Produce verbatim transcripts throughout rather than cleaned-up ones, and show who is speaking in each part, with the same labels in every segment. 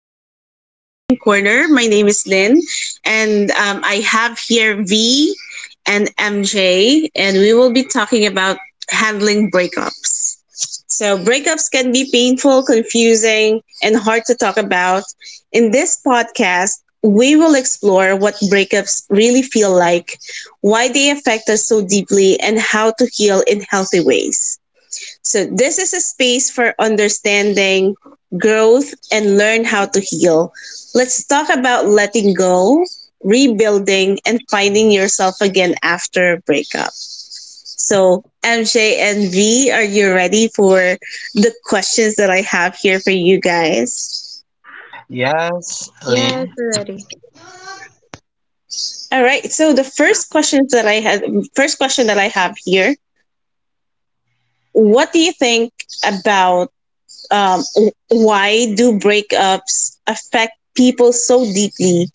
Speaker 1: welcome to the Healing Corner. My name is Lynn, and um, I have here V and M J, and we will be talking about handling breakups. So, breakups can be painful, confusing, and hard to talk about. In this podcast, we will explore what breakups really feel like, why they affect us so deeply, and how to heal in healthy ways. So, this is a space for understanding, growth, and learn how to heal. Let's talk about letting go, rebuilding, and finding yourself again after a breakup. So, M J and V, are you ready for the questions that I have here for you guys?
Speaker 2: Yes,
Speaker 3: Yes,
Speaker 2: Lynn.
Speaker 3: we're ready.
Speaker 1: All right. So, the first questions that I had, first question that I have here, what do you think about um, why do breakups affect people so deeply,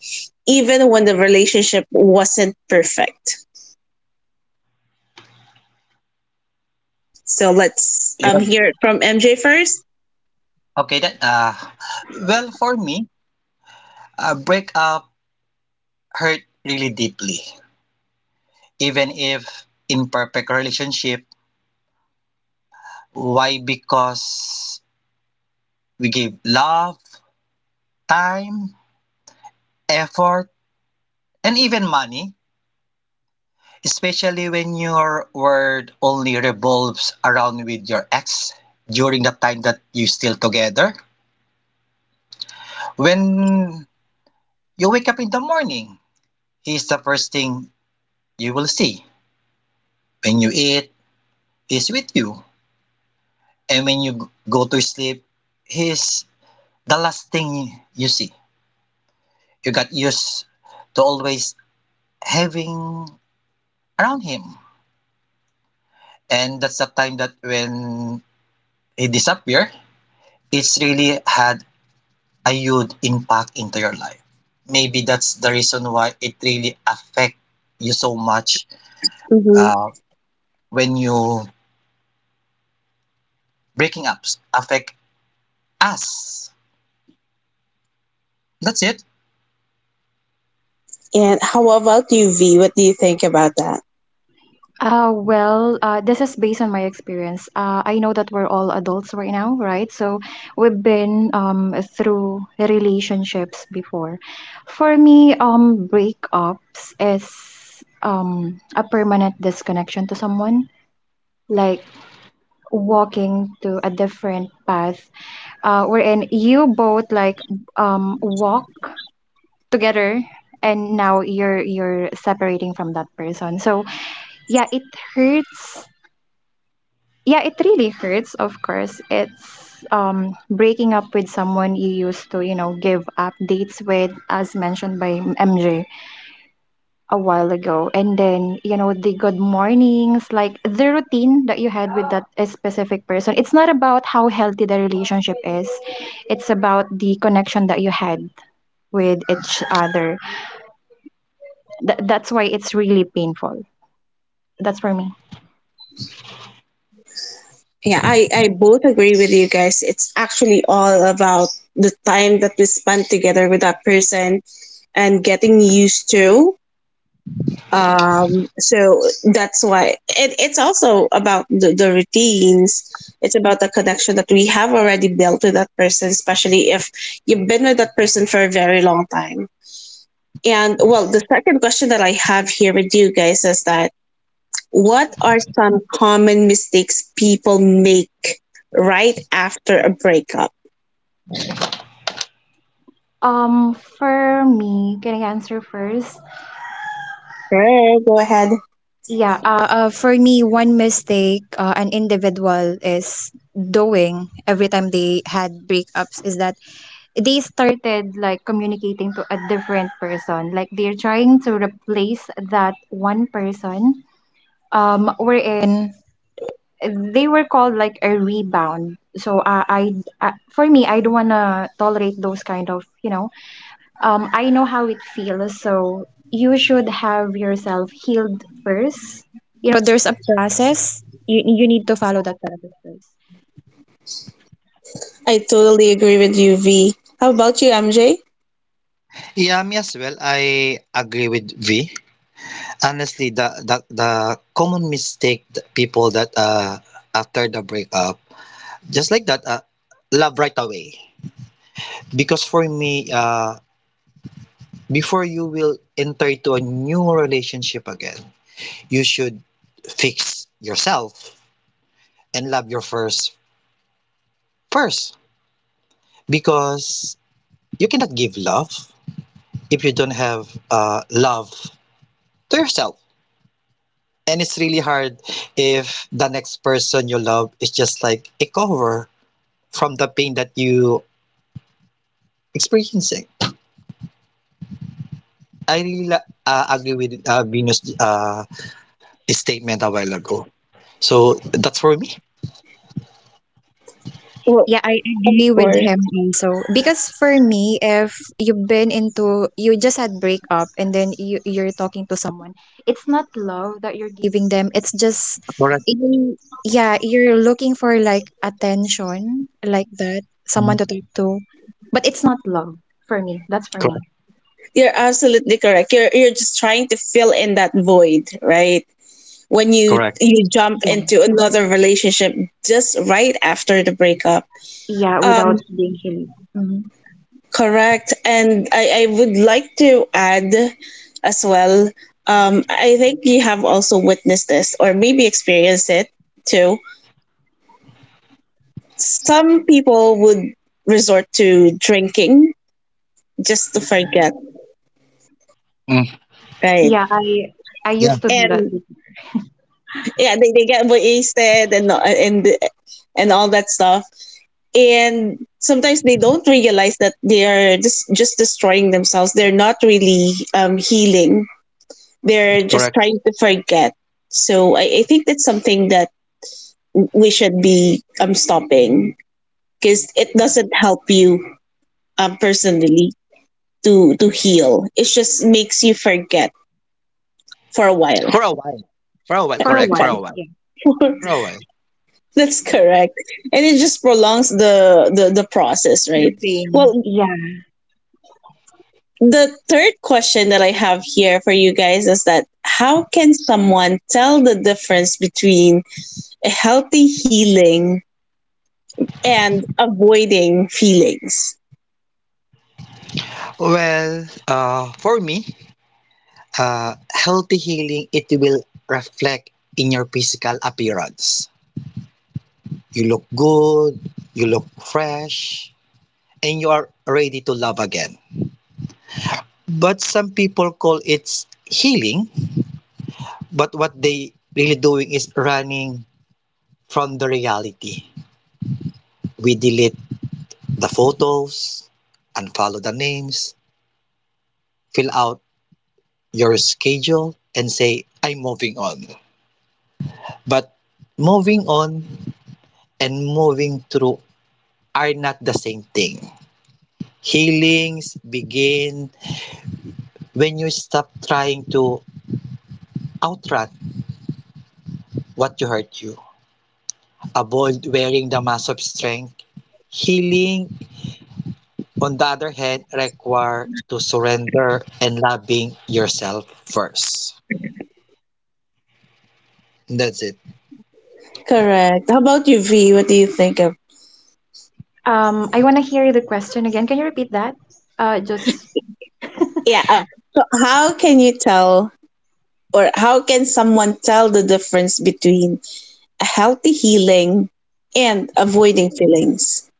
Speaker 1: even when the relationship wasn't perfect? So let's um,
Speaker 2: Yep.
Speaker 1: hear it from M J first.
Speaker 2: Okay, that uh well, for me, a breakup hurt really deeply. Even if imperfect relationship, why? Because we give love, time, effort, and even money, especially when your world only revolves around with your ex during the time that you still together. When you wake up in the morning, he's the first thing you will see. When you eat, he's with you. And when you go to sleep, he's the last thing you see. You got used to always having around him. And that's the time that when he disappear, it's really had a huge impact into your life. Maybe that's the reason why it really affect you so much.
Speaker 1: Mm-hmm.
Speaker 2: uh, when you breaking up affect us. That's it.
Speaker 1: And how about you, V? What do you think about that?
Speaker 3: Uh, well, uh, this is based on my experience. Uh, I know that we're all adults right now, right? So we've been um, through relationships before. For me, um, breakups is um, a permanent disconnection to someone, like walking to a different path, uh, wherein you both like um, walk together, and now you're you're separating from that person. So yeah, it hurts. Yeah, it really hurts. Of course, it's um breaking up with someone you used to, you know, give updates with, as mentioned by MJ a while ago, and then, you know, the good mornings, like the routine that you had with that specific person. It's not about how healthy the relationship is, it's about the connection that you had with each other. Th- that's why it's really painful. That's for me.
Speaker 1: Yeah, I, I both agree with you guys. It's actually all about the time that we spend together with that person and getting used to. Um, so that's why it, it's also about the, the routines. It's about the connection that we have already built with that person, especially if you've been with that person for a very long time. And well, the second question that I have here with you guys is that what are some common mistakes people make right after a breakup?
Speaker 3: Um, for me, can I answer first?
Speaker 1: Sure, go ahead.
Speaker 3: Yeah, uh, uh, for me, one mistake uh, an individual is doing every time they had breakups is that they started like communicating to a different person. Like they're trying to replace that one person. Um, wherein they were called like a rebound. So uh, I, I, for me, I don't wanna tolerate those kind of, you know, um, I know how it feels, so you should have yourself healed first. You know, there's a process. You you need to follow that process first.
Speaker 1: I totally agree with you, V. How about you, M J?
Speaker 2: Yeah, me as well. I agree with V. Honestly, the, the the common mistake that people that uh after the breakup, just like that, uh, love right away, because for me, uh before you will enter into a new relationship again, you should fix yourself and love your first first, because you cannot give love if you don't have uh love to yourself. And it's really hard if the next person you love is just like a cover from the pain that you experiencing. I really la- uh, agree with uh, Venus' uh, statement a while ago. So that's for me.
Speaker 1: Well,
Speaker 3: Yeah, I
Speaker 1: of
Speaker 3: agree with
Speaker 1: course.
Speaker 3: him also. Because for me, if you've been into, you just had breakup and then you, you're talking to someone, it's not love that you're giving them. It's just,
Speaker 2: Correct.
Speaker 3: you, yeah, you're looking for like attention, like that, someone
Speaker 2: Mhm.
Speaker 3: to talk to. But it's not love for me. That's for me.
Speaker 2: Correct.
Speaker 1: You're absolutely correct. You're you're just trying to fill in that void, right? When you
Speaker 2: Correct.
Speaker 1: you jump
Speaker 3: Yeah.
Speaker 1: into another relationship just right after the breakup.
Speaker 3: Yeah,
Speaker 1: Um,
Speaker 3: without being healed. Hmm.
Speaker 1: correct. And I, I would like to add as well, um, I think you have also witnessed this or maybe experienced it too. Some people would resort to drinking just to forget,
Speaker 2: Mm.
Speaker 1: right?
Speaker 3: Yeah, I I
Speaker 2: Yeah.
Speaker 3: used to do that
Speaker 1: And
Speaker 3: before.
Speaker 1: yeah, they, they get wasted and and and all that stuff, and sometimes they don't realize that they are just just destroying themselves. They're not really um, healing, they're just
Speaker 2: Correct.
Speaker 1: trying to forget. So I, I think that's something that we should be um, stopping, because it doesn't help you um, personally to to heal. It just makes you forget for a while.
Speaker 2: For a while. For a while.
Speaker 3: For a
Speaker 2: Correct. For
Speaker 3: while.
Speaker 2: a while.
Speaker 3: Yeah.
Speaker 2: For
Speaker 1: Right?
Speaker 2: a while.
Speaker 1: That's correct, and it just prolongs the the, the process,
Speaker 3: The
Speaker 1: right?
Speaker 3: pain.
Speaker 1: Well,
Speaker 3: Yeah.
Speaker 1: the third question that I have here for you guys is that how can someone tell the difference between a healthy healing and avoiding feelings?
Speaker 2: Well, uh, for me, uh, healthy healing it will reflect in your physical appearance. You look good, you look fresh, and you are ready to love again. But some people call it healing, but what they really doing is running from the reality. We delete the photos, unfollow the names, fill out your schedule, and say, "I'm moving on." But moving on and moving through are not the same thing. Healings begin when you stop trying to outrun what you hurt you. Avoid wearing the mask of strength. Healing, on the other hand, require to surrender and loving yourself first. That's it.
Speaker 1: Correct. How about you, V? What do you think of?
Speaker 3: Um, I want to hear the question again. Can you repeat that? Uh, just
Speaker 1: Yeah. Oh, so, how can you tell, or how can someone tell the difference between a healthy healing and avoiding feelings?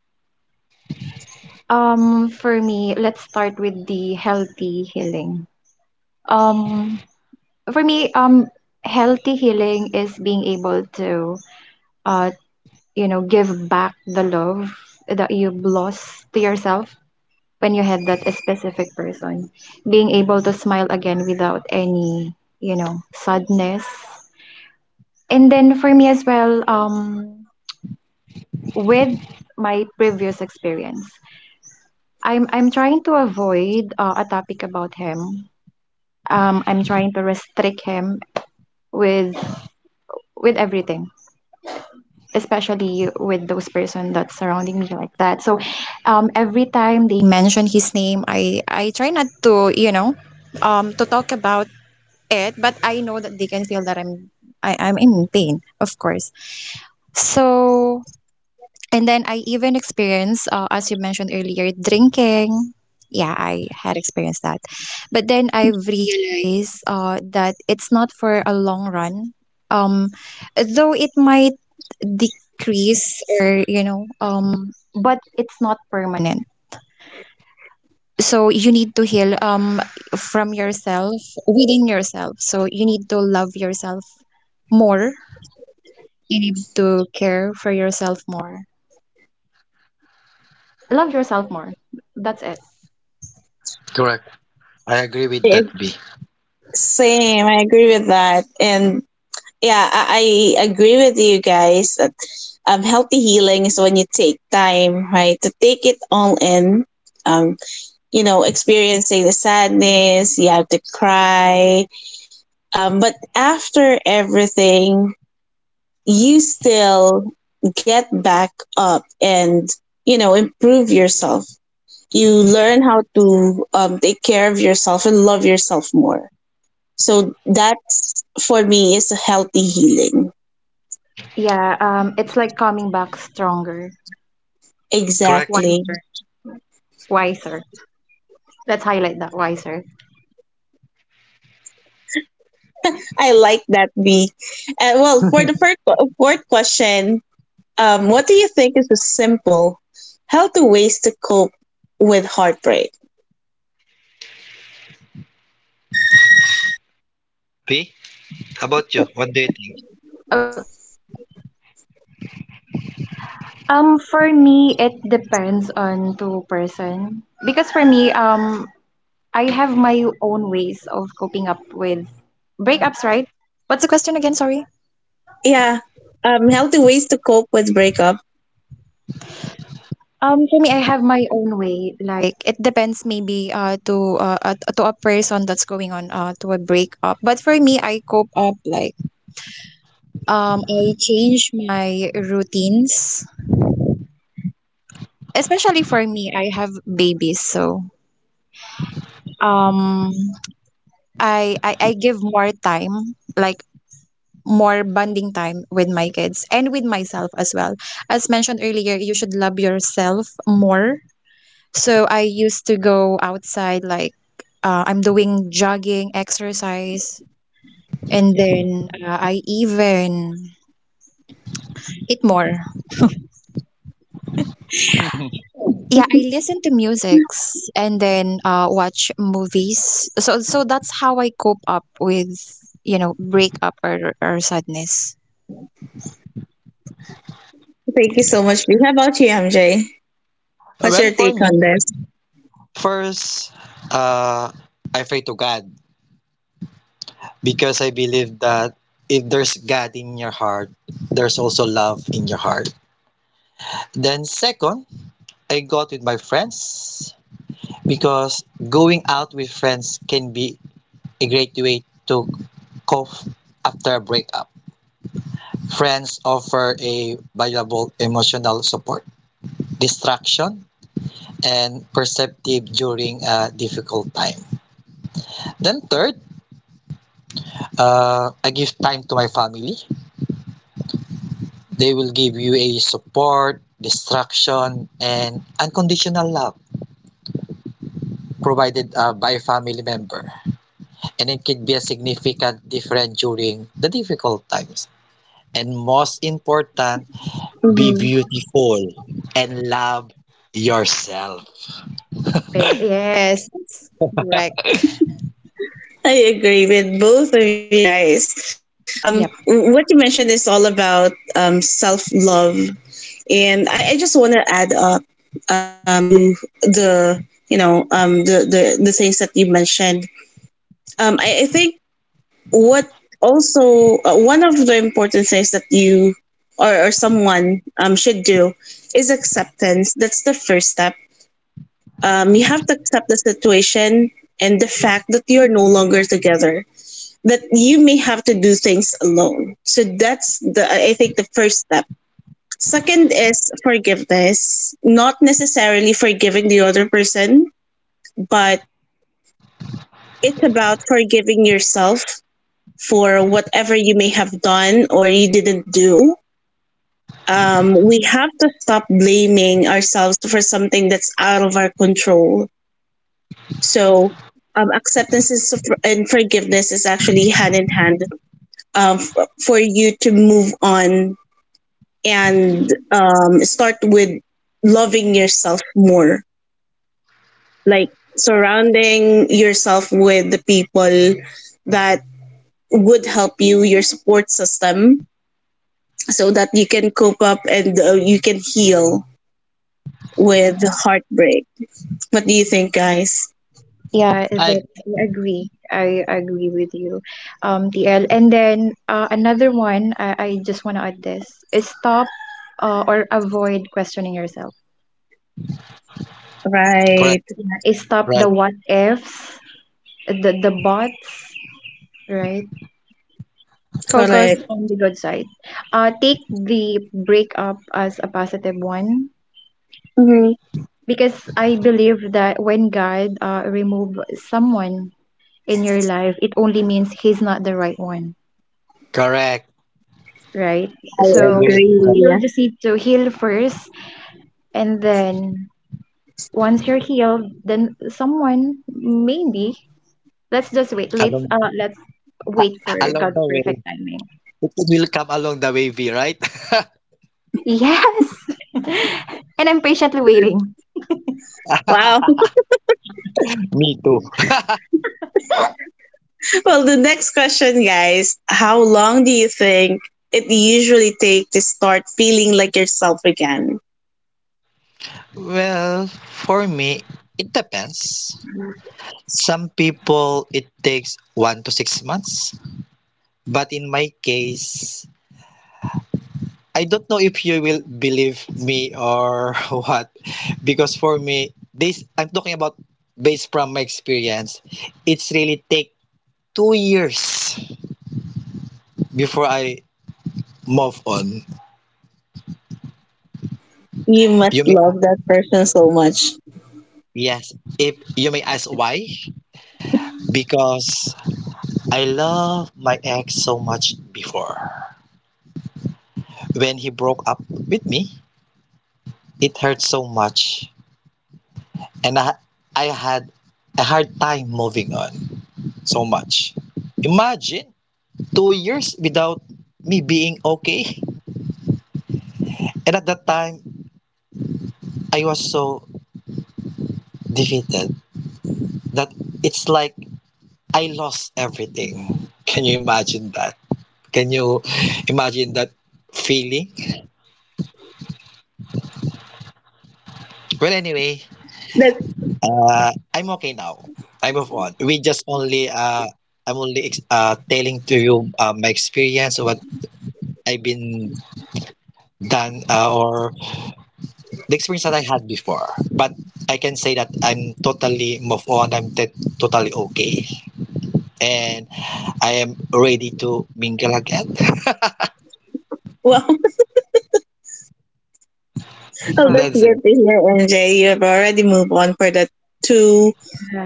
Speaker 3: um, for me, let's start with the healthy healing. Um, for me, um, healthy healing is being able to, uh, you know, give back the love that you've lost to yourself when you had that specific person. Being able to smile again without any, you know, sadness. And then for me as well, um, with my previous experience. I'm I'm trying to avoid uh, a topic about him. Um, I'm trying to restrict him with with everything, especially with those person that's surrounding me like that. So, um, every time they mention his name, I I try not to, you know, um, to talk about it. But I know that they can feel that I'm I, I'm in pain, of course. So, and then I even experienced, uh, as you mentioned earlier, drinking. Yeah, I had experienced that. But then I've realized uh, that it's not for a long run. Um, though it might decrease or, you know, um, but it's not permanent. So you need to heal, um, from yourself, within yourself. So you need to love yourself more. You need to care for yourself more. Love yourself more. That's it.
Speaker 2: Correct. I agree with
Speaker 1: Yeah,
Speaker 2: that, B.
Speaker 1: same. I agree with that. And yeah, I, I agree with you guys. Um, healthy healing is when you take time, right, to take it all in. Um, you know, experiencing the sadness, you have to cry. Um, but after everything, you still get back up and, you know, improve yourself. You learn how to um, take care of yourself and love yourself more. So that's for me is a healthy healing.
Speaker 3: Yeah, um, it's like coming back stronger,
Speaker 2: Correct.
Speaker 1: Exactly.
Speaker 3: wiser, wiser. Let's highlight that wiser.
Speaker 1: I like that, B. Uh, well, for the first, fourth question, um, what do you think is a simple, healthy ways to cope with heartbreak?
Speaker 2: B, how about you? What do you
Speaker 3: Oh, um, for me, it depends on two person because for me, um, I have my own ways of coping up with breakups, right? What's the question again? Sorry.
Speaker 1: Yeah, um, healthy ways to cope with breakup.
Speaker 3: Um, for me, I have my own way, like Like it depends maybe uh to uh, uh to a person that's going on uh to a breakup. But for me, I cope up like, um I change my routines, especially for me, I have babies, so, um I, I I give more time, like more bonding time with my kids and with myself as well. As mentioned earlier, you should love yourself more. So I used to go outside like, uh, I'm doing jogging, exercise, and then uh, I even eat more.
Speaker 2: think?
Speaker 3: Yeah, I listen to musics and then uh, watch movies. So, so that's how I cope up with, you know, breakup or, or sadness.
Speaker 1: Thank you so much, B. How about you, M J? What's your
Speaker 2: Well, for
Speaker 1: take
Speaker 2: me,
Speaker 1: on this?
Speaker 2: first, uh, I pray to God, because I believe that if there's God in your heart, there's also love in your heart. Then, second, I got with my friends, because going out with friends can be a great way to cope after a breakup. Friends offer a valuable emotional support, distraction, and perceptive during a difficult time. Then, third, uh, I give time to my family. They will give you a support, distraction, and unconditional love provided uh, by a family member. And it can be a significant difference during the difficult times. And most important,
Speaker 1: Mhm.
Speaker 2: be beautiful and love yourself.
Speaker 3: Pe- Yes, that's correct.
Speaker 1: I agree with both of you guys. Um,
Speaker 3: Yep.
Speaker 1: w- what you mentioned is all about um, self love. And I, I just want to add up um, to the, you know um, the, the the things that you mentioned. Um, I, I think what also uh, one of the important things that you or, or someone um, should do is acceptance. That's the first step. Um, you have to accept the situation and the fact that you are no longer together. That you may have to do things alone. So that's the I I think the first step. Second is forgiveness. Not necessarily forgiving the other person, but it's about forgiving yourself for whatever you may have done or you didn't do. Um, we have to stop blaming ourselves for something that's out of our control. So, um, acceptance is and forgiveness is actually hand in hand, um, f- for you to move on and um, start with loving yourself more, like surrounding yourself with the people that would help you, your support system, so that you can cope up and uh, you can heal with heartbreak. What do you think, guys?
Speaker 3: Yeah,
Speaker 2: I
Speaker 3: that I agree. I agree with you, um, T L. And then uh, another one, I, I just want to add this: is stop, uh, or avoid questioning yourself.
Speaker 2: correct,
Speaker 1: Right.
Speaker 3: Is stop the
Speaker 2: right,
Speaker 3: what ifs, the the buts, right? Focus
Speaker 1: Correct.
Speaker 3: on the good side. Uh, take the breakup as a positive one
Speaker 1: Hmm.
Speaker 3: because I believe that when God, uh, remove someone in your life, it only means He's not the right one,
Speaker 2: correct.
Speaker 3: right?
Speaker 1: I
Speaker 2: I
Speaker 3: So
Speaker 2: agree. Correct.
Speaker 3: you'll
Speaker 1: agree.
Speaker 3: just need to heal first, and then once you're healed, then someone maybe, let's just wait. Let's
Speaker 2: Along
Speaker 3: uh, let's wait for
Speaker 2: along
Speaker 3: God's
Speaker 2: the way,
Speaker 3: perfect timing.
Speaker 2: it will come along the way, V, right?
Speaker 3: Yes, and I'm patiently waiting.
Speaker 1: Wow.
Speaker 2: Me too.
Speaker 1: Well, the next question, guys: how long do you think it usually takes to start feeling like yourself again?
Speaker 2: Well, for me, it depends. Some people it takes one to six months, but in my case, I don't know if you will believe me or what, because for me, this I'm talking about based from my experience, it's really take two years before I move on.
Speaker 1: You must
Speaker 2: You may,
Speaker 1: love that person so much.
Speaker 2: yes, if you may ask why, because I love my ex so much before. When he broke up with me, it hurt so much, and I I had a hard time moving on so much. Imagine two years without me being okay. And at that time, I was so defeated that it's like I lost everything. Can you imagine that? Can you imagine that feeling? Well, anyway,
Speaker 1: That's
Speaker 2: uh, I'm okay now. I move on. We just only uh, I'm only ex- uh, telling to you uh, my experience, what I've been done, uh, or the experience that I had before. But I can say that I'm totally moved on. I'm t- totally okay, and I am ready to mingle again.
Speaker 1: well. So that's
Speaker 3: Wow.
Speaker 1: good to
Speaker 2: That's it.
Speaker 1: get to hear, M J. You have already moved on for the two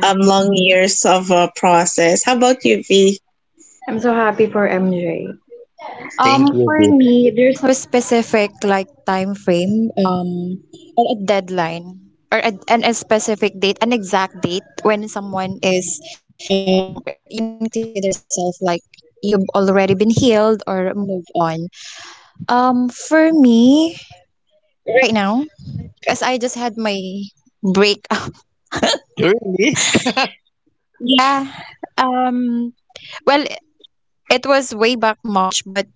Speaker 1: um long years of a process. How about you, V?
Speaker 3: I'm so happy for M J.
Speaker 2: Thank
Speaker 3: Um,
Speaker 2: you,
Speaker 3: for
Speaker 2: B.
Speaker 3: me, there's no specific like time frame, um, or a deadline, or a, and a specific date, an exact date when someone is, um, or you can consider yourself like you've already been healed or moved on. Um, for me, right now, because I just had my breakup.
Speaker 2: Really?
Speaker 3: Yeah. Um. Well, it was way back March, but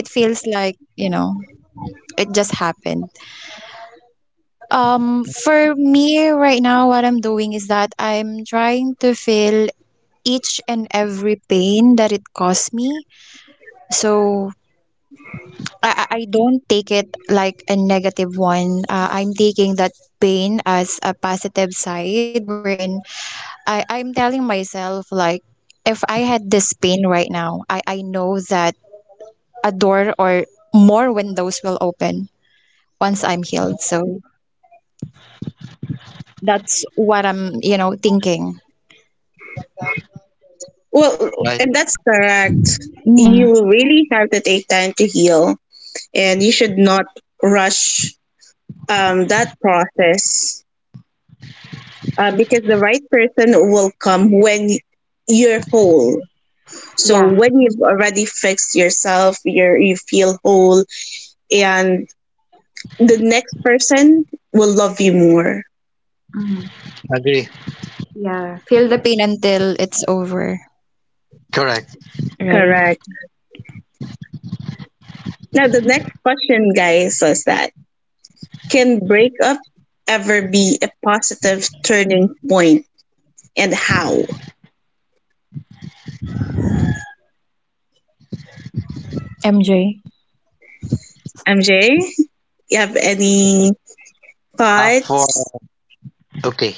Speaker 3: it feels like, you know, it just happened. Um, for me right now, what I'm doing is that I'm trying to feel each and every pain that it caused me. So I, I I don't take it like a negative one. Uh, I'm taking that pain as a positive side, wherein I, I'm telling myself, like, if I had this pain right now, I, I know that a door or more windows will open once I'm healed. So that's what I'm, you know, thinking.
Speaker 1: Well,
Speaker 2: Right.
Speaker 1: and that's correct.
Speaker 3: Mm.
Speaker 1: You really have to take time to heal, and you should not rush um that process, uh, because the right person will come when you're whole. So when you've already fixed yourself, you're you feel whole, and the next person will love you more.
Speaker 3: Mhm.
Speaker 2: Agree.
Speaker 3: Yeah, feel the pain until it's over.
Speaker 2: Correct.
Speaker 3: Right.
Speaker 1: Correct. Now, the next question, guys, was that can breakup ever be a positive turning point, and how?
Speaker 3: M J.
Speaker 1: M J, you have any
Speaker 2: Uh, for
Speaker 1: thoughts?
Speaker 2: okay.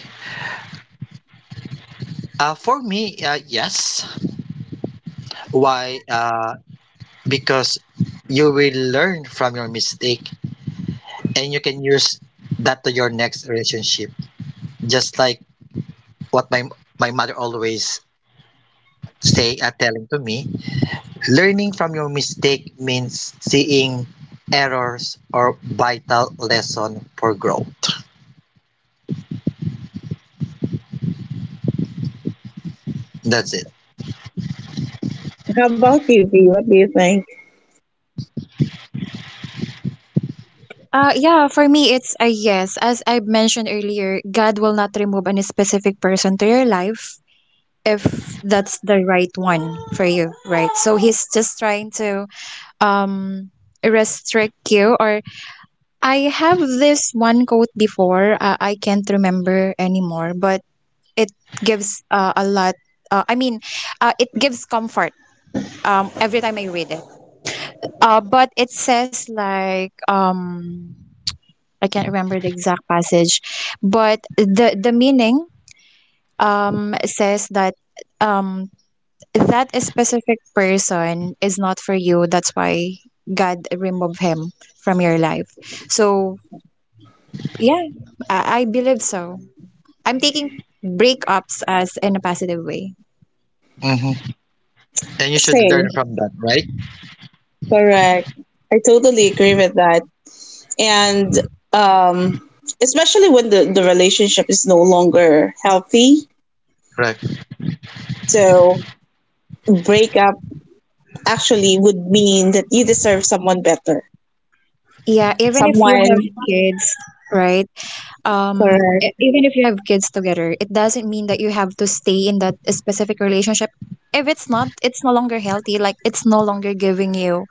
Speaker 2: Uh, for me, uh, yes. Why? Uh, because you will learn from your mistake, and you can use that to your next relationship. Just like what my my mother always say, uh, telling to me. Learning from your mistake means seeing errors or vital lesson for growth. That's it.
Speaker 1: How about you, V? What do you think?
Speaker 3: Uh, yeah, for me, it's a yes. As I mentioned earlier, God will not remove any specific person to your life if that's the right one for you, right? So he's just trying to, um restrict you. Or I have this one quote before. Uh, I can't remember anymore, but it gives, uh, a lot. Uh, I mean, uh, it gives comfort, um, every time I read it. Uh, but it says like, um I can't remember the exact passage, but the the meaning, um says that, um that a specific person is not for you. That's why God removed him from your life. So yeah, I, I believe so. I'm taking breakups as in a positive way.
Speaker 2: Hmm. And you should learn
Speaker 1: Same,
Speaker 2: from that, right?
Speaker 1: correct. I totally agree with that. And um, especially when the, the relationship is no longer healthy.
Speaker 2: Right.
Speaker 1: So, breakup actually would mean that you deserve someone better.
Speaker 3: Yeah, even if you
Speaker 1: Someone,
Speaker 3: have kids, right? um
Speaker 1: correct,
Speaker 3: e- Even if you have kids together, it doesn't mean that you have to stay in that specific relationship if it's not, it's no longer healthy. Like it's no longer giving you,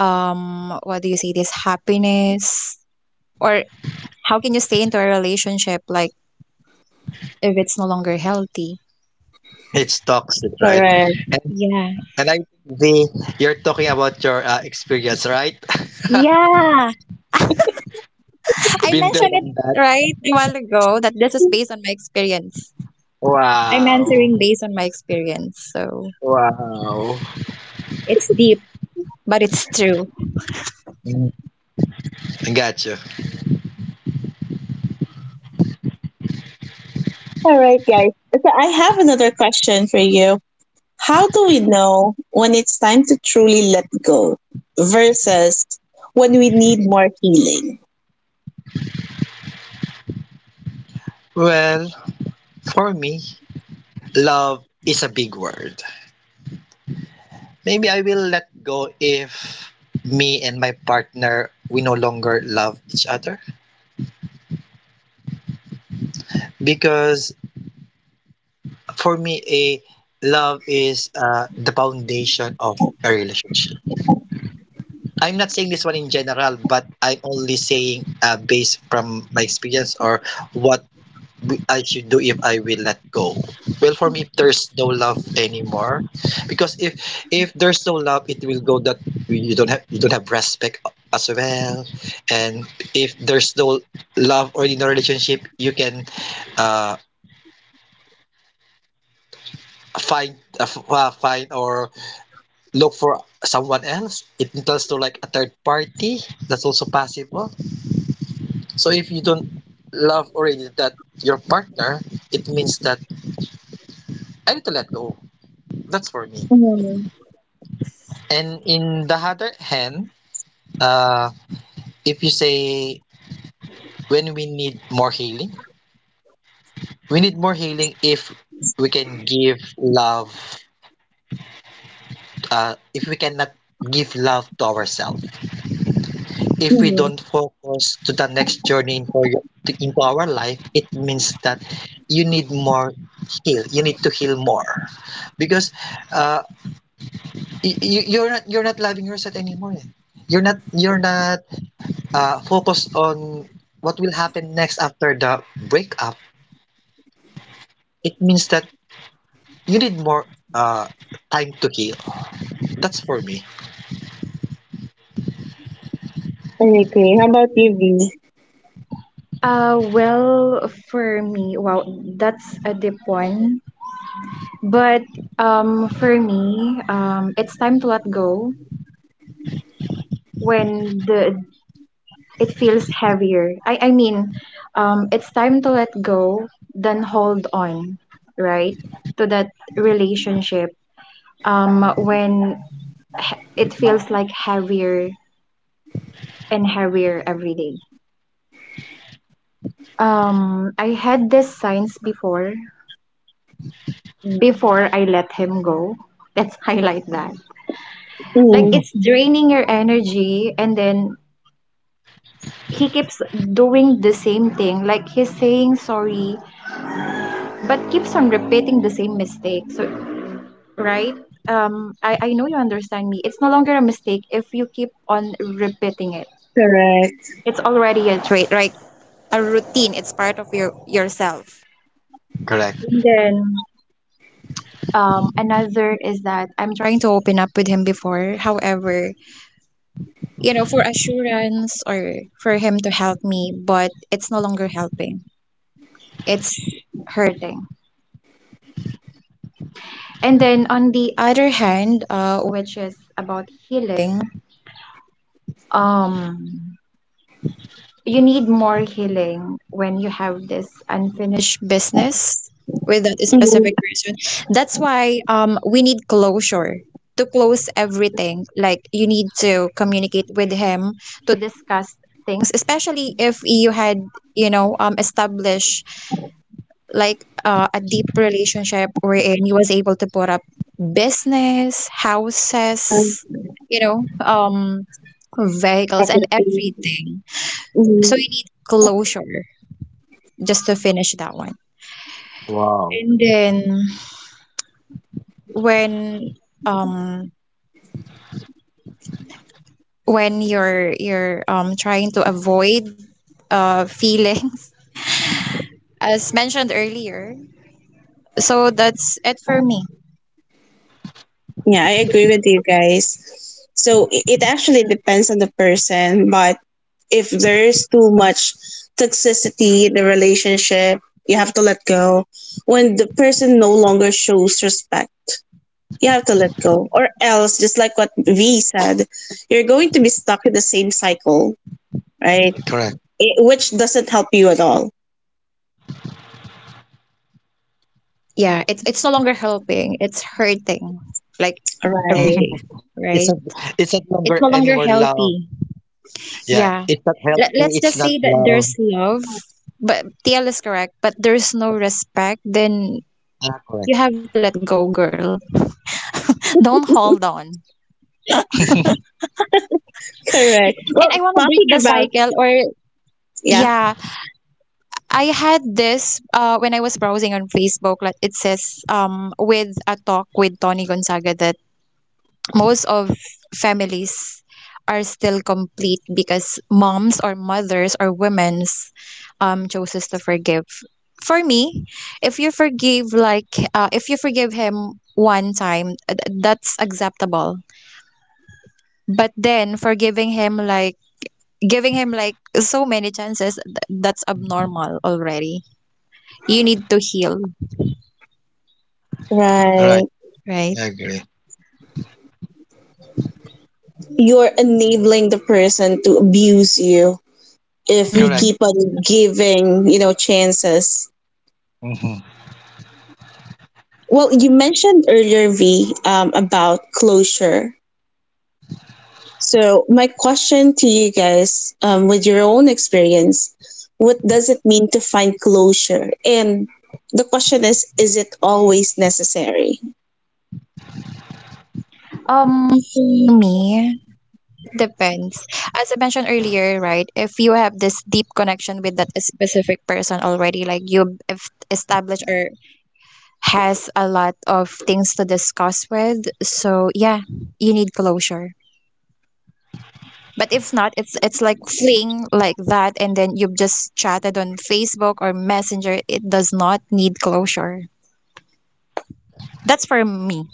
Speaker 3: um what do you say, this happiness, or how can you stay into a relationship like if it's no longer healthy?
Speaker 2: It's toxic, right?
Speaker 1: correct.
Speaker 2: And
Speaker 3: Yeah.
Speaker 2: and I think the you're talking about your uh, experience, right?
Speaker 3: Yeah, I
Speaker 2: Been there
Speaker 3: mentioned it
Speaker 2: done that.
Speaker 3: right a while ago that this is based on my experience. I'm
Speaker 2: Wow.
Speaker 3: answering based on my experience, so
Speaker 2: Wow.
Speaker 3: it's deep but it's true.
Speaker 2: Mm, I got you.
Speaker 1: All right, guys. So I have another question for you. How do we know when it's time to truly let go versus when we need more healing?
Speaker 2: Well, for me, love is a big word. Maybe I will let go if me and my partner we no longer love each other, because for me a love is, uh, the foundation of a relationship. I'm not saying this one in general, but I'm only saying, uh, based from my experience or what w- I should do if I will let go. Well, for me, there's no love anymore, because if if there's no love, it will go that you don't have you don't have respect as well, and if there's no love or in a relationship, you can uh, find uh, f- uh, find or look for someone else. It entails to like a third party. That's also possible. So if you don't love already that your partner, it means that I need to let go. That's for me.
Speaker 1: Mm-hmm.
Speaker 2: And in the other hand, uh, if you say when we need more healing, we need more healing if we can give love, uh, if we cannot give love to ourselves. If we
Speaker 1: Mm-hmm.
Speaker 2: don't focus to the next journey into, your, to, into our life, it means that you need more heal. You need to heal more, because uh, you, you're not you're not loving yourself anymore. eh. You're not you're not uh, focused on what will happen next after the breakup, it means that you need more uh, time to heal. That's for me.
Speaker 1: I agree. How about you, V?
Speaker 3: Uh, well, for me, wow, that's a deep one. But um, for me, um, it's time to let go when the, it feels heavier. I I mean, um, it's time to let go then hold on, right, to that relationship. Um, when it feels like heavier and heavier every day. Um, I had these signs before, before I let him go. Let's highlight that, like,
Speaker 1: Mm-hmm.
Speaker 3: it's draining your energy, and then he keeps doing the same thing, like he's saying sorry but keeps on repeating the same mistake. So right, um I I know you understand me, it's no longer a mistake if you keep on repeating it.
Speaker 1: Correct.
Speaker 3: It's already a trait, right. A routine. It's part of your yourself.
Speaker 2: Correct.
Speaker 3: And then, um, another is that I'm trying to open up with him before. However, you know, for assurance or for him to help me, but it's no longer helping. It's hurting. And then on the other hand, uh, which is about healing, um, you need more healing when you have this unfinished business with that
Speaker 1: Mm-hmm.
Speaker 3: specific person. That's why, um, we need closure to close everything. Like you need to communicate with him to discuss things, especially if you had, you know, um, established like uh, a deep relationship wherein he was able to put up business,
Speaker 1: Uh-huh.
Speaker 3: houses, you know, um, vehicles and everything. So
Speaker 1: Mm-hmm.
Speaker 3: you need closure just to finish that one. And then when, um when you're you're um trying to avoid uh feelings as mentioned earlier. So that's it for me.
Speaker 1: Yeah, I agree with you guys. So I- it actually depends on the person, but if there is too much toxicity in the relationship, you have to let go. When the person no longer shows respect, you have to let go. Or else, just like what V said, you're going to be stuck in the same cycle, right?
Speaker 2: Correct.
Speaker 1: It, which doesn't help you at all.
Speaker 3: Yeah, it's it's no longer helping, it's hurting, like every
Speaker 1: Right.
Speaker 3: day,
Speaker 2: It's
Speaker 3: right?
Speaker 2: not. It's not
Speaker 3: It's
Speaker 2: longer
Speaker 3: no longer
Speaker 2: anymore love.
Speaker 3: healthy.
Speaker 2: Yeah.
Speaker 3: Yeah.
Speaker 2: It's not
Speaker 3: Let,
Speaker 2: healthy.
Speaker 3: let's
Speaker 2: It's
Speaker 3: just
Speaker 2: not
Speaker 3: say that
Speaker 2: love.
Speaker 3: there's love but TL is correct, but there's no respect, then
Speaker 2: Ah, correct.
Speaker 3: you have to let go, girl, don't hold on.
Speaker 1: Correct.
Speaker 3: And
Speaker 1: Well,
Speaker 3: I want to break
Speaker 1: talking
Speaker 3: the
Speaker 1: about,
Speaker 3: cycle. Or
Speaker 1: yeah.
Speaker 3: yeah, I had this, uh, when I was browsing on Facebook, like it says, um, with a talk with Tony Gonzaga, that most of families are still complete because moms or mothers or women's, um, chooses to forgive. For me, if you forgive like uh, if you forgive him one time, uh, th- that's acceptable. But then forgiving him like giving him like so many chances, th- that's abnormal already. You need to heal,
Speaker 2: Right.
Speaker 1: Right.
Speaker 3: right?
Speaker 2: I agree.
Speaker 1: You're enabling the person to abuse you if you
Speaker 3: Mm.
Speaker 1: keep
Speaker 2: Correct.
Speaker 1: on giving, you know, chances.
Speaker 2: Mhm.
Speaker 1: Well, you mentioned earlier, V, um, about closure. So, my question to you guys, um, with your own experience, what does it mean to find closure? And the question is, is it always necessary?
Speaker 3: Um, for me, depends. As I mentioned earlier, right, if you have this deep connection with that specific person already, like you have established or has a lot of things to discuss with, so yeah, you need closure. But if not, it's it's like fling like that, and then you've just chatted on Facebook or Messenger. It does not need closure. That's for me.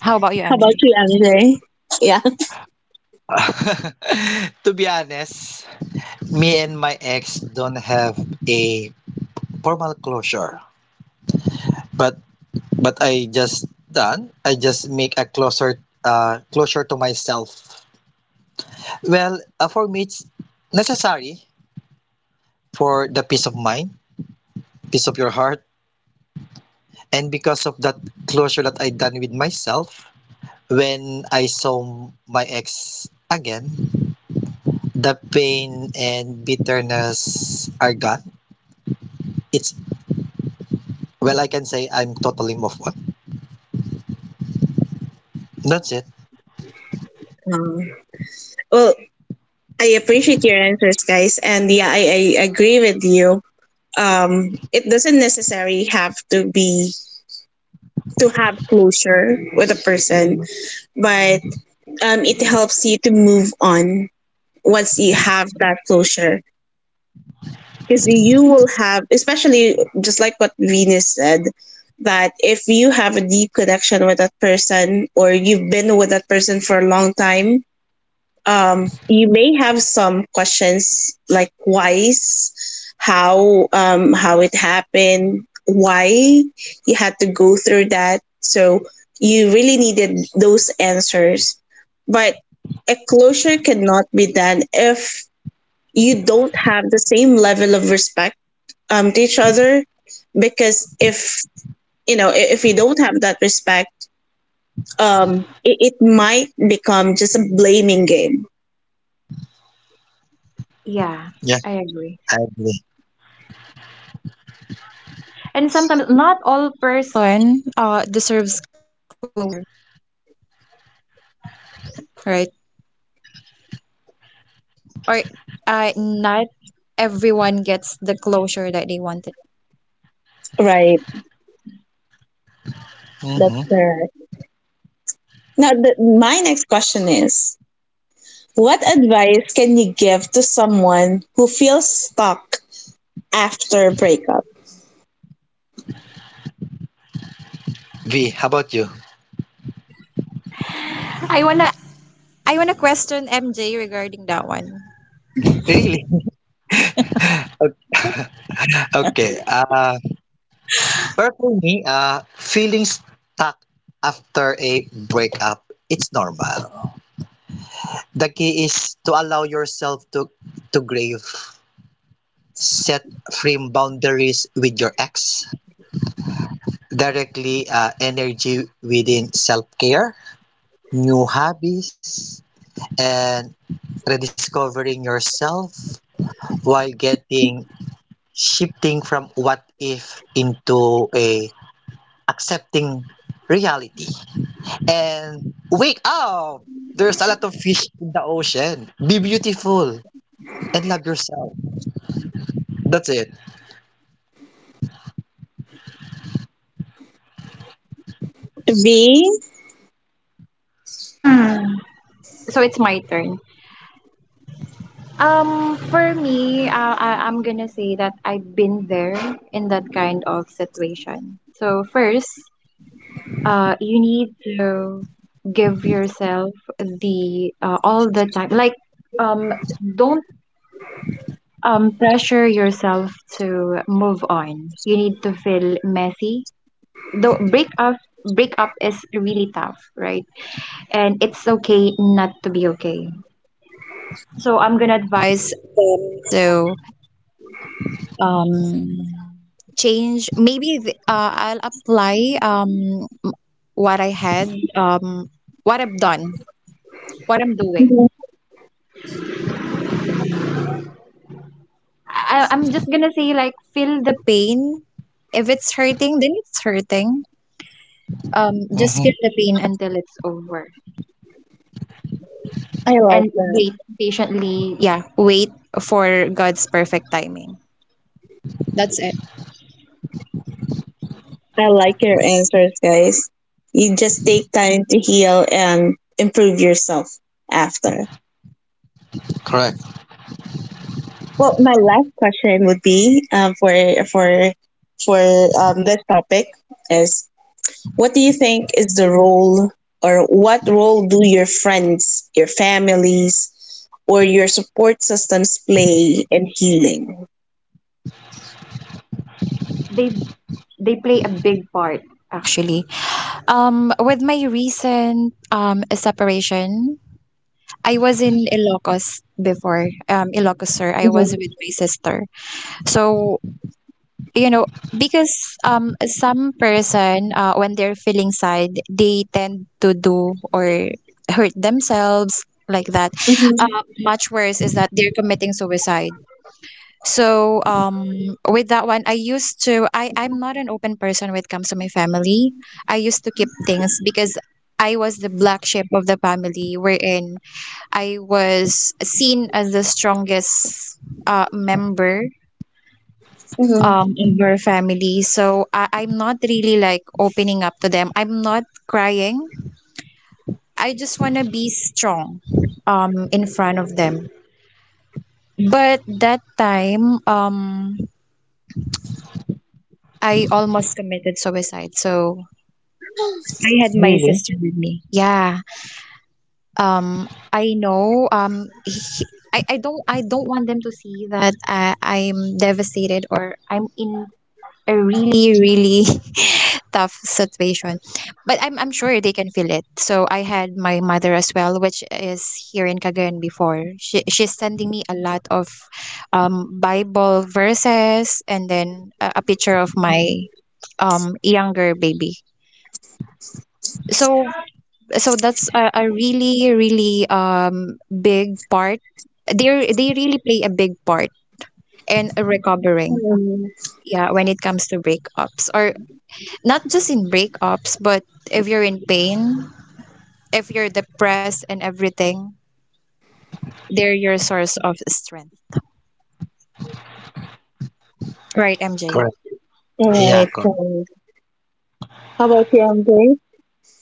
Speaker 3: How about you,
Speaker 1: How about
Speaker 3: M J?
Speaker 1: you, M J? Yeah.
Speaker 2: To be honest, me and my ex don't have a formal closure, but but I just done. I just make a closer uh, closure to myself. Well, uh, for me, it's necessary for the peace of mind, peace of your heart, and because of that closure that I done with myself, when I saw my ex again, the pain and bitterness are gone. It's well, I can say I'm totally moved on. That's it.
Speaker 1: Um, well, I appreciate your answers, guys. And yeah, I, I agree with you. Um, it doesn't necessarily have to be to have closure with a person, but um, it helps you to move on once you have that closure. Because you will have, especially just like what Venus said, that if you have a deep connection with that person or you've been with that person for a long time, um, you may have some questions like why's, how um, how it happened, why you had to go through that. So you really needed those answers, but a closure cannot be done if you don't have the same level of respect um, to each other. Because if you know, I- if you don't have that respect, um, it, it might become just a blaming game.
Speaker 3: Yeah,
Speaker 2: Yeah,
Speaker 3: I agree.
Speaker 2: I agree.
Speaker 3: And sometimes not all person Person uh, deserves closure, right? Or uh, not everyone gets the closure that they wanted.
Speaker 1: Right. That's
Speaker 2: Hmm.
Speaker 1: correct. Now, the, my next question is: what advice can you give to someone who feels stuck after breakup?
Speaker 2: V, how about you?
Speaker 3: I wanna I wanna question M J regarding that one.
Speaker 2: Really? Okay. Uh, But for me, uh, feeling stuck after a breakup, it's normal. The key is to allow yourself to, to grieve, set firm boundaries with your ex, directly uh, energy within self care, new hobbies, and rediscovering yourself while getting shifting from what if into a accepting reality, and wake up. There's a lot of fish in the ocean. Be beautiful and love yourself. That's it.
Speaker 1: V,
Speaker 3: Mm, so it's my turn. Um, for me, uh, I, I'm gonna say that I've been there in that kind of situation. So first, uh, you need to give yourself the uh, all the time. Like, um, don't um, pressure yourself to move on. You need to feel messy. Though break up break up is really tough, right? And it's okay not to be okay. So I'm gonna advise them to um change. Maybe th- uh, I'll apply um what I had um what I've done, what I'm
Speaker 1: I
Speaker 3: doing. I, I'm just gonna say like feel the pain. If it's hurting, then it's hurting. Um, just feel
Speaker 2: Hmm.
Speaker 3: the pain until it's over
Speaker 1: like
Speaker 3: and
Speaker 1: that.
Speaker 3: wait patiently. Yeah, wait for God's perfect timing. That's it.
Speaker 1: I like your answers, guys. You just take time to heal and improve yourself after.
Speaker 2: Correct.
Speaker 1: Well, my last question would be um, for for for um, this topic is: what do you think is the role, or what role do your friends, your families, or your support systems play in healing?
Speaker 3: They they play a big part actually. Um, with my recent um separation, I was in Ilocos before. Um, Ilocos, sir. I was
Speaker 1: Mhm,
Speaker 3: with my sister. So, you know, because um some person uh, when they're feeling sad they tend to do or hurt themselves like that, uh,
Speaker 1: mhm,
Speaker 3: much worse is that they're committing suicide. So um with that one, I used to I I'm not an open person when it comes to my family. I used to keep things because I was the black sheep of the family, wherein I was seen as the strongest uh, member
Speaker 1: mhm,
Speaker 3: um in your family. So I, I'm not really like opening up to them, I'm not crying, I just want to be strong um in front of them. But that time um I almost committed suicide, so I had my
Speaker 2: Really?
Speaker 3: sister with me, yeah. Um I know um he- I, I don't I don't want them to see that I, I'm devastated or I'm in a really really tough situation. But I'm, I'm sure they can feel it. So I had my mother as well, which is here in Cagayan before. She, she's sending me a lot of um, bible verses and then a, a picture of my um, younger baby. So so that's a, a really really um, big part. They they really play a big part in recovering.
Speaker 1: mhm.
Speaker 3: Yeah, when it comes to breakups or not just in breakups, but if you're in pain, if you're depressed and everything, they're your source of strength. Right, M J?
Speaker 2: Correct.
Speaker 1: All
Speaker 2: Yeah,
Speaker 1: right,
Speaker 2: correct.
Speaker 1: guys. How about you, M J?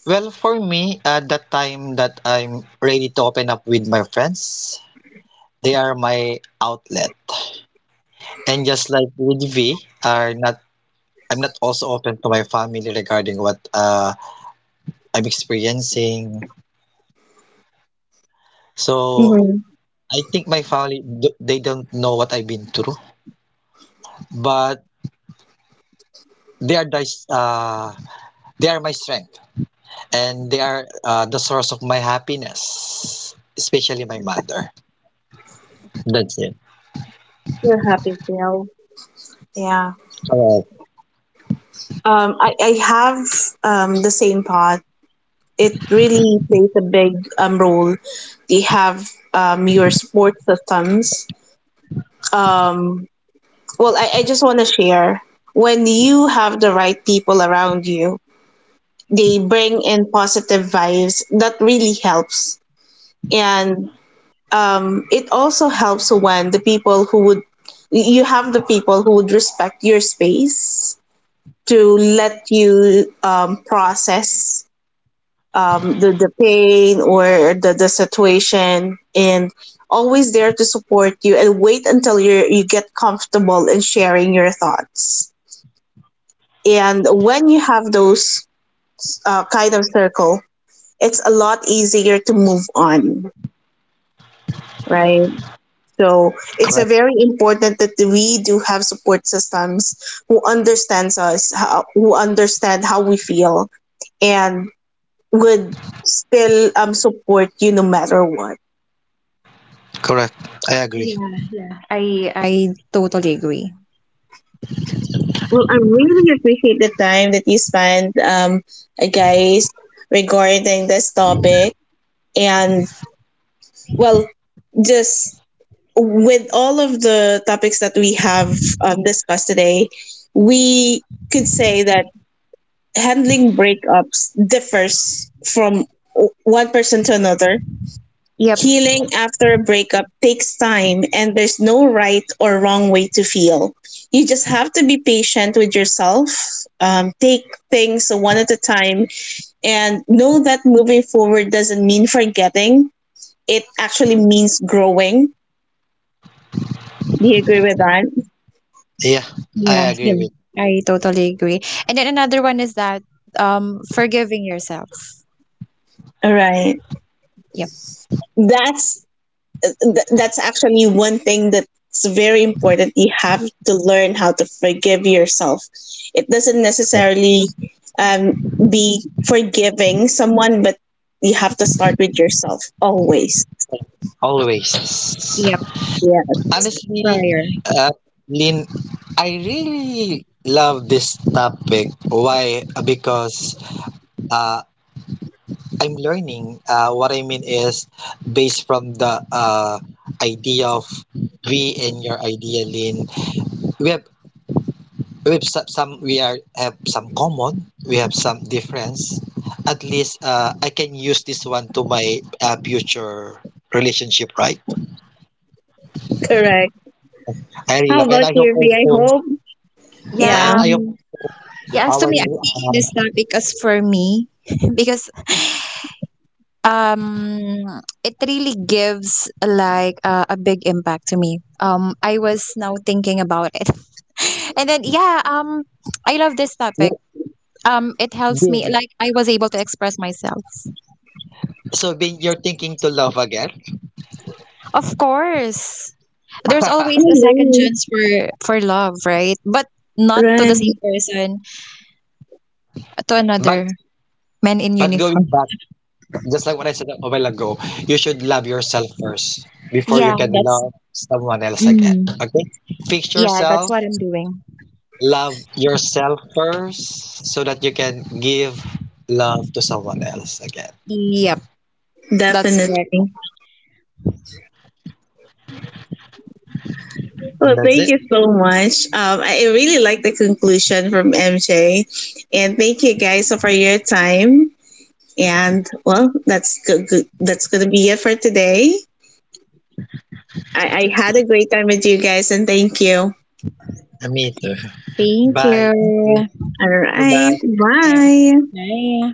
Speaker 2: Well, for me, at that time that I'm ready to open up with my friends, they are my outlet. And just like with V, are not I'm not also open to my family regarding what, uh, I'm experiencing. So
Speaker 1: Mm-hmm.
Speaker 2: I think my family th- they don't know what I've been through, but They are thy, uh, they are my strength, and they are, uh, the source of my happiness, especially my mother. That's it.
Speaker 1: You're happy, Bill. Yeah.
Speaker 2: Correct.
Speaker 1: Um, I, I have um, the same thought. It really plays a big um, role. You have um, your support systems. Um, Well, I, I just want to share, when you have the right people around you, they bring in positive vibes that really helps. And um, it also helps when the people who would, you have the people who would respect your space to let you um, process um, the, the pain or the, the situation, and always there to support you and wait until you you get comfortable in sharing your thoughts. And when you have those uh, kind of circle, it's a lot easier to move on, right? So it's a
Speaker 2: Correct.
Speaker 1: very important that we do have support systems who understands us, how, who understand how we feel, and would still um, support you no matter what.
Speaker 2: Correct. I agree.
Speaker 3: Yeah, yeah. I I totally agree.
Speaker 1: Well, I really appreciate the time that you spent, um, guys, regarding this topic. And well, just with all of the topics that we have um, discussed today, we could say that handling breakups differs from o- one person to another.
Speaker 3: Yep.
Speaker 1: Healing after a breakup takes time, and there's no right or wrong way to feel. You just have to be patient with yourself, um, take things one at a time, and know that moving forward doesn't mean forgetting. It actually means growing. Do you agree with that?
Speaker 2: Yeah, I
Speaker 3: Yeah,
Speaker 2: agree
Speaker 3: yeah.
Speaker 2: with
Speaker 3: I totally agree. And then another one is that um forgiving yourself.
Speaker 1: All right.
Speaker 3: Yep.
Speaker 1: That's th- that's actually one thing that's very important: you have to learn how to forgive yourself. It doesn't
Speaker 2: you.
Speaker 1: necessarily um, be forgiving someone, but you have to start with yourself always.
Speaker 2: Always.
Speaker 3: Yep.
Speaker 1: Yeah,
Speaker 2: Honestly,
Speaker 3: Prior.
Speaker 2: uh, Lin, I really love this topic. Why? Because uh, I'm learning. Uh, what I mean is based from the uh, idea of we and your idea, Lin. We have we've some, we are have some common We have some difference. At least uh, I can use this one to my uh, future relationship, right?
Speaker 1: correct.
Speaker 2: I really
Speaker 1: How
Speaker 2: love, and
Speaker 1: about
Speaker 2: I hope
Speaker 1: you, V? I
Speaker 2: also,
Speaker 1: hope.
Speaker 3: Yeah,
Speaker 1: Yeah,
Speaker 2: and I
Speaker 3: um
Speaker 2: hope
Speaker 3: yeah, as to
Speaker 2: our
Speaker 3: me, I'm taking this
Speaker 2: uh,
Speaker 3: topic as for me because um it really gives like uh, a big impact to me. Um I was now thinking about it. and then yeah um I love this topic.
Speaker 2: you-
Speaker 3: Um it helps me,
Speaker 2: Bin.
Speaker 3: like I was able to express myself.
Speaker 2: So Bin, you're thinking to love again?
Speaker 3: Of course, there's always a second
Speaker 1: always,
Speaker 3: chance for for love, right? But not to
Speaker 1: right?
Speaker 3: the same person, to
Speaker 2: but
Speaker 3: another man in
Speaker 2: but going
Speaker 3: uniform.
Speaker 2: back, just like what I said a while ago, you should love yourself first before you
Speaker 3: Yeah,
Speaker 2: can
Speaker 3: that's
Speaker 2: love someone else again.
Speaker 3: mm,
Speaker 2: Okay, fix
Speaker 3: yeah that's
Speaker 2: yourself.
Speaker 3: what I'm doing.
Speaker 2: Love yourself first so that you can give love to someone else again.
Speaker 3: Yep, that's correct.
Speaker 1: Definitely.
Speaker 2: And
Speaker 1: Well,
Speaker 2: that's
Speaker 1: thank
Speaker 2: it.
Speaker 1: you so much, um, i I really like the conclusion from MJ, and thank you guys for your time. And well, that's good. good- That's gonna be it for today. I, I had a great time with you guys, and thank you.
Speaker 2: I'm Ito.
Speaker 3: Thank
Speaker 2: Bye.
Speaker 3: you.
Speaker 2: Thank you.
Speaker 1: All
Speaker 2: Bye
Speaker 1: right,
Speaker 2: bye.
Speaker 3: Yeah.
Speaker 1: bye.
Speaker 3: 哎呀，